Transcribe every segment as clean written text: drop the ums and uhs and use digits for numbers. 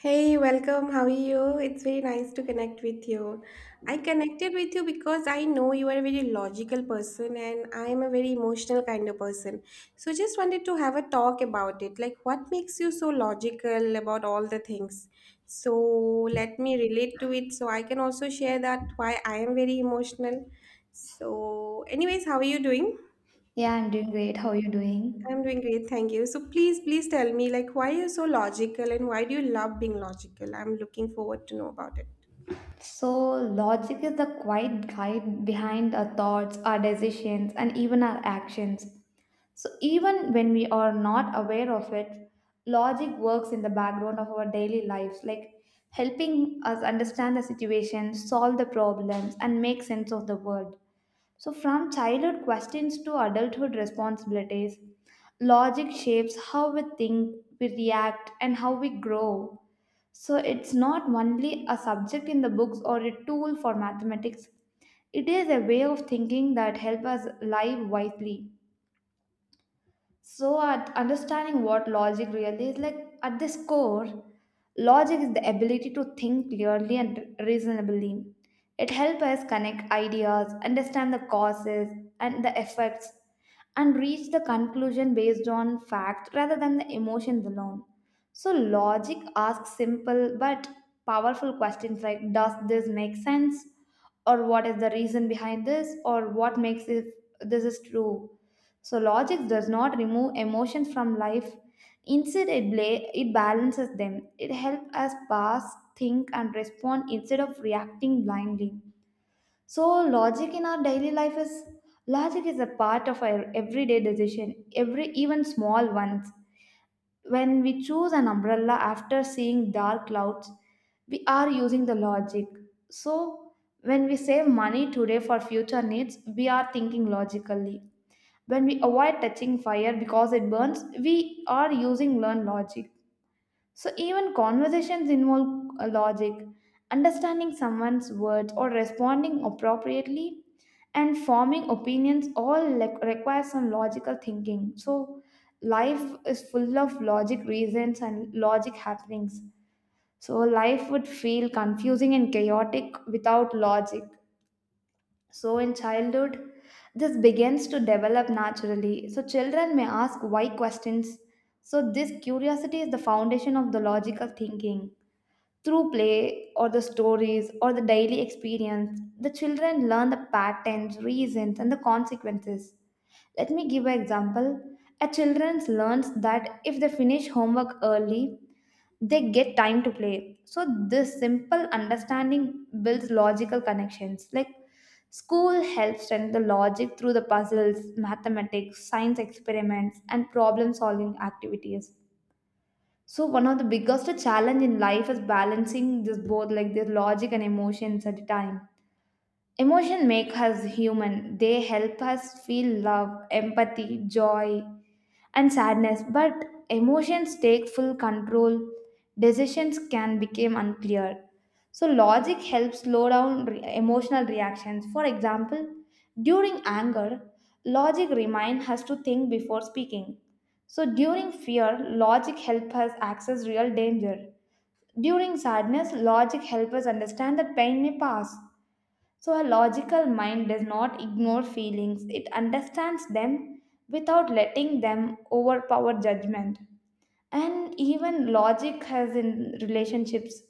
Hey, welcome. How are you? It's very nice to connect with you. I connected with you because I know you are a very logical person and I am a very emotional kind of person. So just wanted to have a talk about it. Like what makes you so logical about all the things? So let me relate to it so I can also share that why I am very emotional. So anyways, how are you doing? Yeah, I'm doing great. How are you I'm doing? doing great, thank you. So please tell me, like, why are you so logical and why do you love being logical? I'm looking forward to know about it. So, logic is the quiet guide behind our thoughts, our decisions, and even our actions. So, even when we are not aware of it, logic works in the background of our daily lives, like helping us understand the situation, solve the problems, and make sense of the world. So, from childhood questions to adulthood responsibilities, logic shapes how we think, we react, and how we grow. So it's not only a subject in the books or a tool for mathematics. It is a way of thinking that helps us live wisely. So, at understanding what logic really is, like at this core, logic is the ability to think clearly and reasonably. It helps us connect ideas, understand the causes and the effects, and reach the conclusion based on fact rather than the emotions alone. So, logic asks simple but powerful questions like, does this make sense? Or what is the reason behind this, or what makes if this is true? So logic does not remove emotions from life. Instead, it balances them. It helps us pass, think, and respond instead of reacting blindly. So logic in our daily life is logic is a part of our everyday decision, every even small ones. When we choose an umbrella after seeing dark clouds, we are using the logic. So when we save money today for future needs, we are thinking logically when we avoid touching fire because it burns, we are using learned logic. So even conversations involve a logic, understanding someone's words or responding appropriately and forming opinions require some logical thinking. So life is full of logic reasons and logic happenings. So life would feel confusing and chaotic without logic. So, in childhood, this begins to develop naturally. So, children may ask why questions. So, this curiosity is the foundation of the logical thinking. Through play or the stories or the daily experience, the children learn the patterns, reasons, and the consequences. Let me give an example. A children learns that if they finish homework early, they get time to play, so this simple understanding builds logical connections, like school helps strengthen the logic through the puzzles, mathematics, science experiments, and problem solving activities. So one of the biggest challenge in life is balancing this both, like their logic and emotions at a time. Emotion make us human. They help us feel love, empathy, joy, and sadness. But emotions take full control. Decisions can become unclear. So logic helps slow down emotional reactions. For example, during anger, logic reminds us to think before speaking. So during fear, logic helps us access real danger. During sadness, logic helps us understand that pain may pass. So, a logical mind does not ignore feelings, it understands them without letting them overpower judgment. And even logic has in relationships,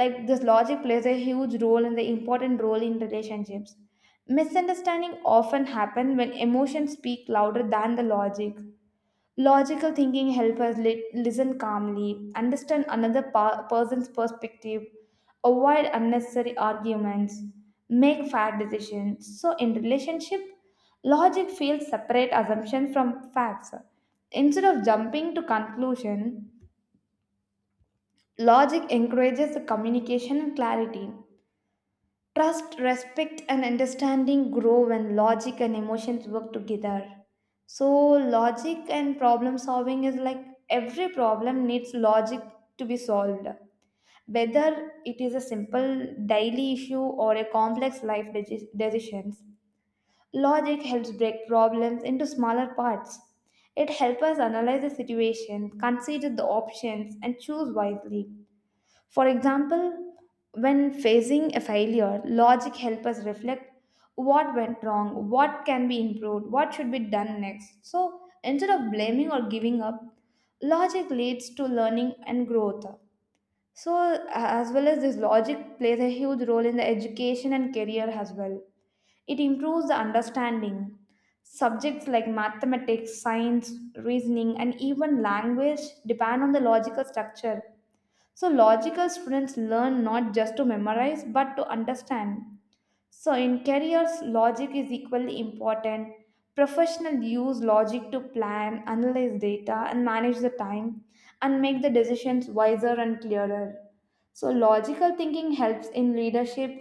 like this logic plays a huge role and the important role in relationships. Misunderstanding often happen when emotions speak louder than the logic. Logical thinking helps us listen calmly, understand another person's perspective, avoid unnecessary arguments, make fair decisions. So, in relationship, logic fails separate assumptions from facts. Instead of jumping to conclusion, logic encourages the communication and clarity. Trust, respect, and understanding grow when logic and emotions work together. So, logic and problem solving is like every problem needs logic to be solved, whether it is a simple daily issue or a complex life decisions. Logic helps break problems into smaller parts. It helps us analyze the situation, consider the options, and choose wisely. For example, when facing a failure, logic helps us reflect what went wrong, what can be improved, what should be done next. So instead of blaming or giving up, logic leads to learning and growth. So, as well as this, logic plays a huge role in the education and career as well. It improves the understanding. Subjects like mathematics, science, reasoning, and even language depend on the logical structure. So, logical students learn not just to memorize but to understand. So, in careers, logic is equally important. Professionals use logic to plan, analyze data, and manage the time and make the decisions wiser and clearer. So, logical thinking helps in leadership,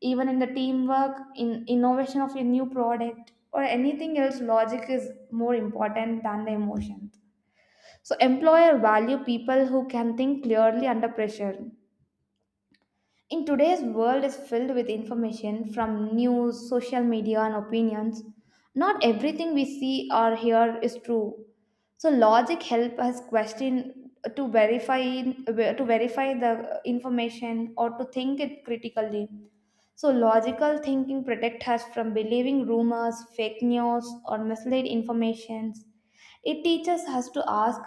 even in the teamwork, in innovation of a new product, or anything else. Logic is more important than the emotion. So, employer value people who can think clearly under pressure. In today's world is filled with information from news, social media and opinions. Not everything we see or hear is true. So logic help us question, to verify the information or to think it critically. So, logical thinking protects us from believing rumors, fake news, or misleading informations. It teaches us to ask,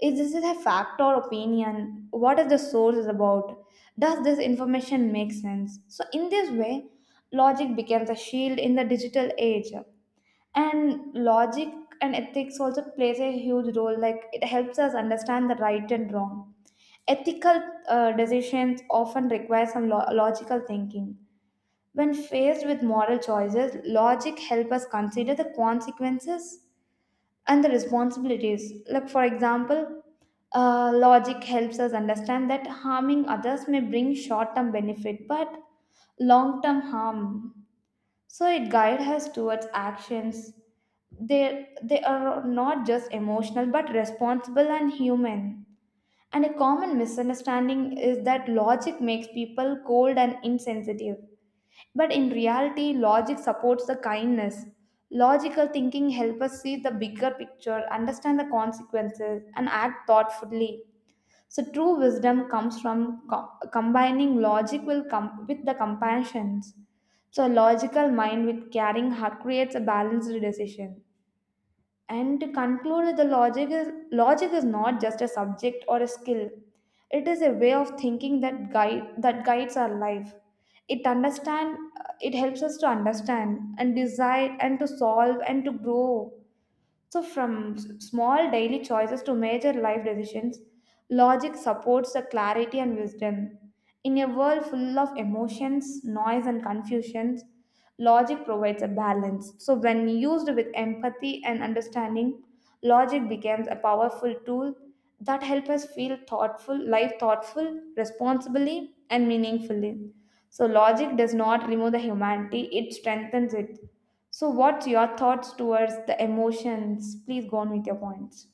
is this a fact or opinion? What is the source is about? Does this information make sense? So, in this way, logic becomes a shield in the digital age. And logic and ethics also plays a huge role, like it helps us understand the right and wrong. Ethical decisions often require some logical thinking. When faced with moral choices, logic helps us consider the consequences and the responsibilities. Like, for example, logic helps us understand that harming others may bring short term benefit but long term harm. So, it guides us towards actions. They are not just emotional but responsible and human. And a common misunderstanding is that logic makes people cold and insensitive, but in reality, logic supports the kindness. Logical thinking helps us see the bigger picture, understand the consequences, and act thoughtfully. So, true wisdom comes from combining logic will with the compassions. So, a logical mind with caring heart creates a balanced decision. And to conclude, the logic is not just a subject or a skill. It is a way of thinking that guides our life. It understand it helps us to understand and decide and to solve and to grow. So, from small daily choices to major life decisions, logic supports the clarity and wisdom. In a world full of emotions, noise, and confusions, logic provides a balance. So, when used with empathy and understanding, logic becomes a powerful tool that help us feel thoughtful life thoughtful, responsibly, and meaningfully. So logic does not remove the humanity, it strengthens it. So what's your thoughts towards the emotions? Please go on with your points.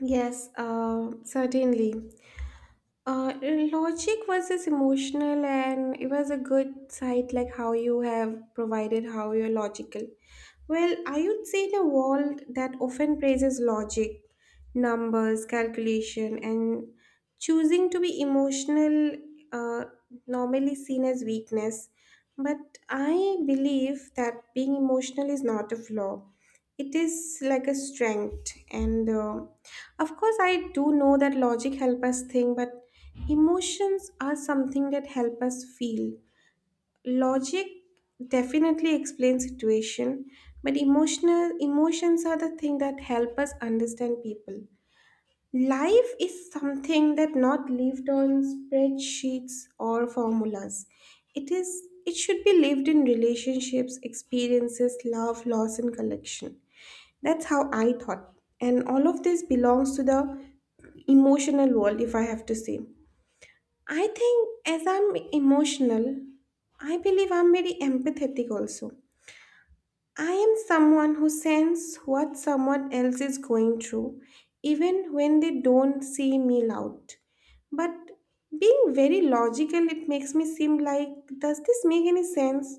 Yes, Certainly. Logic versus emotional, and it was a good sight, like how you have provided how you're logical. Well, I would say in a world that often praises logic, numbers, calculation, and choosing to be emotional, uh, normally seen as weakness. But I believe that being emotional is not a flaw, it is like a strength, and of course, I do know that logic help us think, but emotions are something that help us feel. Logic definitely explains situation, but emotional emotions are the thing that help us understand people. Life is something that not lived on spreadsheets or formulas. It should be lived in relationships, experiences, love, loss, and collection. That's how I thought. And all of this belongs to the emotional world, if I have to say. I think as I'm emotional, I believe I'm very empathetic also. I am someone who senses what someone else is going through, even when they don't see me loud. But being very logical, it makes me seem like, does this make any sense?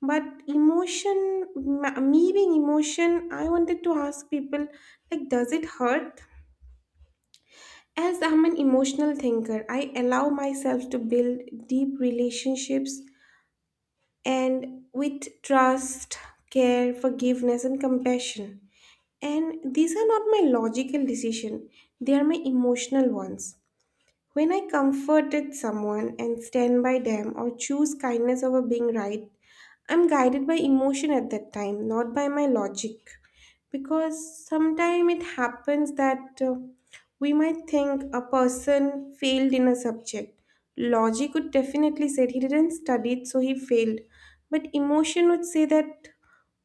But emotion, me being emotion, I wanted to ask people, like, does it hurt? As I'm an emotional thinker, I allow myself to build deep relationships and with trust, care, forgiveness, and compassion. And these are not my logical decision, they are my emotional ones. When I comforted someone and stand by them or choose kindness over being right, I'm guided by emotion at that time, not by my logic. Because sometimes it happens that we might think a person failed in a subject. Logic would definitely say he didn't study it, so he failed. But emotion would say that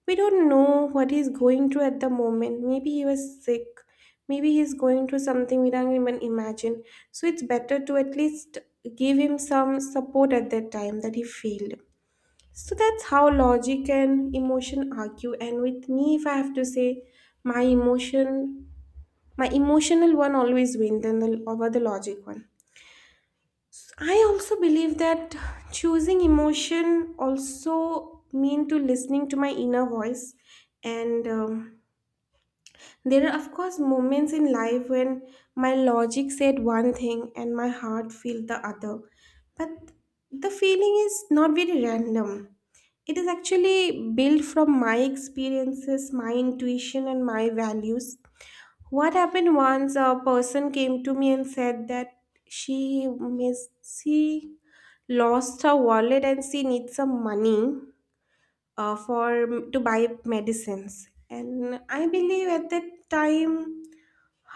we don't know what he's going through at the moment. Maybe he was sick. Maybe he's going through something we don't even imagine. So it's better to at least give him some support at that time that he failed. So that's how logic and emotion argue. And with me, if I have to say, my emotion, my emotional one always wins than the, over the logic one. I also believe that choosing emotion also mean to listening to my inner voice and there are, of course, moments in life when my logic said one thing and my heart felt the other. But the feeling is not very random. It is actually built from my experiences, my intuition, and my values. What happened once a person came to me and said that she miss, she lost her wallet and she needs some money for to buy medicines, and I believe at that time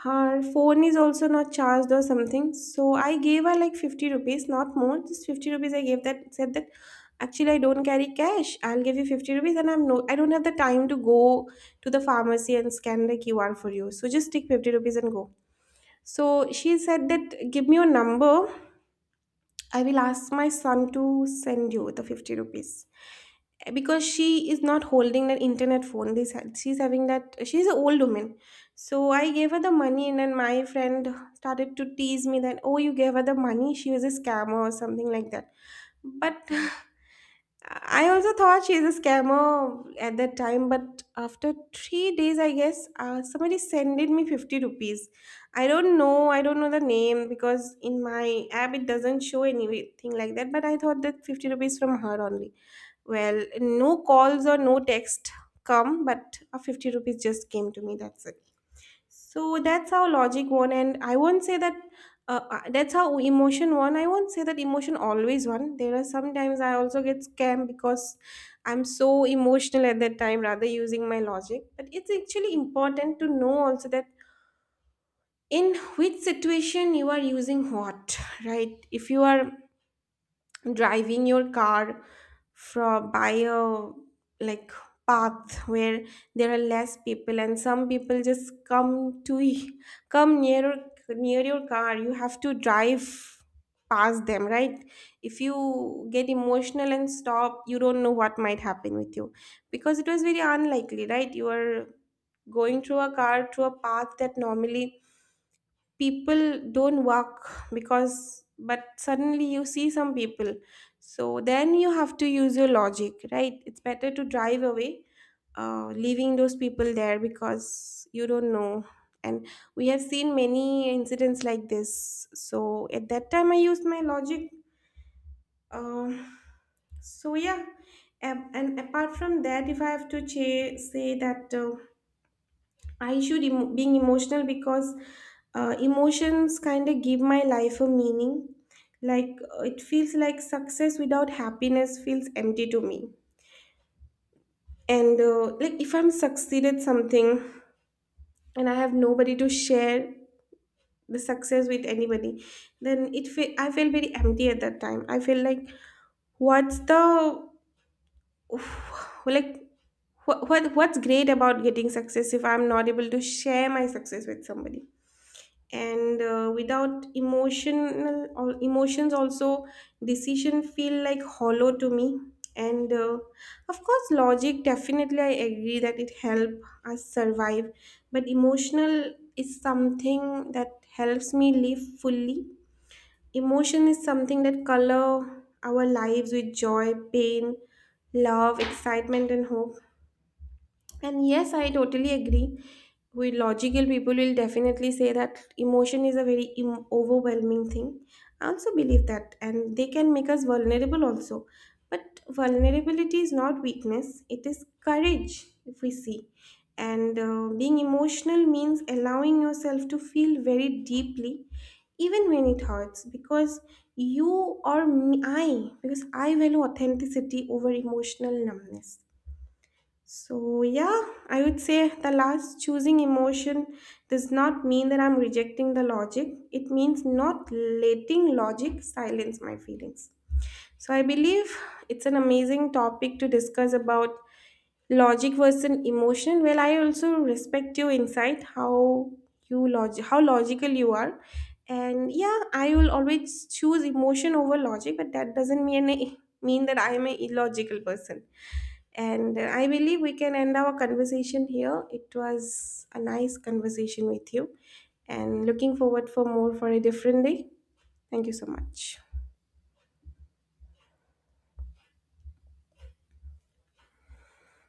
her phone is also not charged or something. So I gave her like 50 rupees, not more, just 50 rupees. I gave that, said that actually I don't carry cash, I'll give you 50 rupees, and I don't have the time to go to the pharmacy and scan the QR for you, so just take 50 rupees and go. So she said that give me your number, I will ask my son to send you the 50 rupees, because she is not holding that internet phone, this she's having, that she's an old woman. So I gave her the money, and then my friend started to tease me that oh, you gave her the money, she was a scammer or something like that, but I also thought she's a scammer at that time. But after 3 days, I guess, somebody sended me 50 rupees. I don't know, I don't know the name because in my app it doesn't show anything like that, but I thought that 50 rupees from her only. Well, no calls or no text come, but a 50 rupees just came to me. That's it. So that's how logic won, and I won't say that. That's how emotion won. I won't say that emotion always won. There are sometimes I also get scammed because I'm so emotional at that time, rather using my logic. But it's actually important to know also that in which situation you are using what, right? If you are driving your car from by a like path where there are less people, and some people just come near your car, you have to drive past them, right? If you get emotional and stop, you don't know what might happen with you, because it was very unlikely, right? You are going through a car through a path that normally people don't walk because, but suddenly you see some people, so then you have to use your logic. Right, it's better to drive away, leaving those people there because you don't know. And we have seen many incidents like this, so at that time I used my logic. um, so yeah, and apart from that, if I have to say that, I should emo being emotional because emotions kind of give my life a meaning. Like it feels like success without happiness feels empty to me. And like if I'm succeeded something and I have nobody to share the success with anybody, then I feel very empty at that time. I feel like what's the like what's great about getting success if I'm not able to share my success with somebody? And without emotional or emotions also, decision feel like hollow to me. And of course, logic definitely, I agree that it help us survive, but emotional is something that helps me live fully. Emotion is something that color our lives with joy, pain, love, excitement, and hope. And yes, I totally agree. We logical people will definitely say that emotion is a very overwhelming thing. I also believe that, and they can make us vulnerable also. But vulnerability is not weakness, it is courage, if we see. And being emotional means allowing yourself to feel very deeply, even when it hurts, because you or me, I, because I value authenticity over emotional numbness. So yeah, I would say the last, choosing emotion does not mean that I'm rejecting the logic. It means not letting logic silence my feelings. So I believe it's an amazing topic to discuss about, logic versus emotion. Well, I also respect your insight, how how logical you are. And yeah, I will always choose emotion over logic, but that doesn't mean that I am a illogical person. And I believe we can end our conversation here. It was a nice conversation with you, and looking forward for more for a different day. Thank you so much.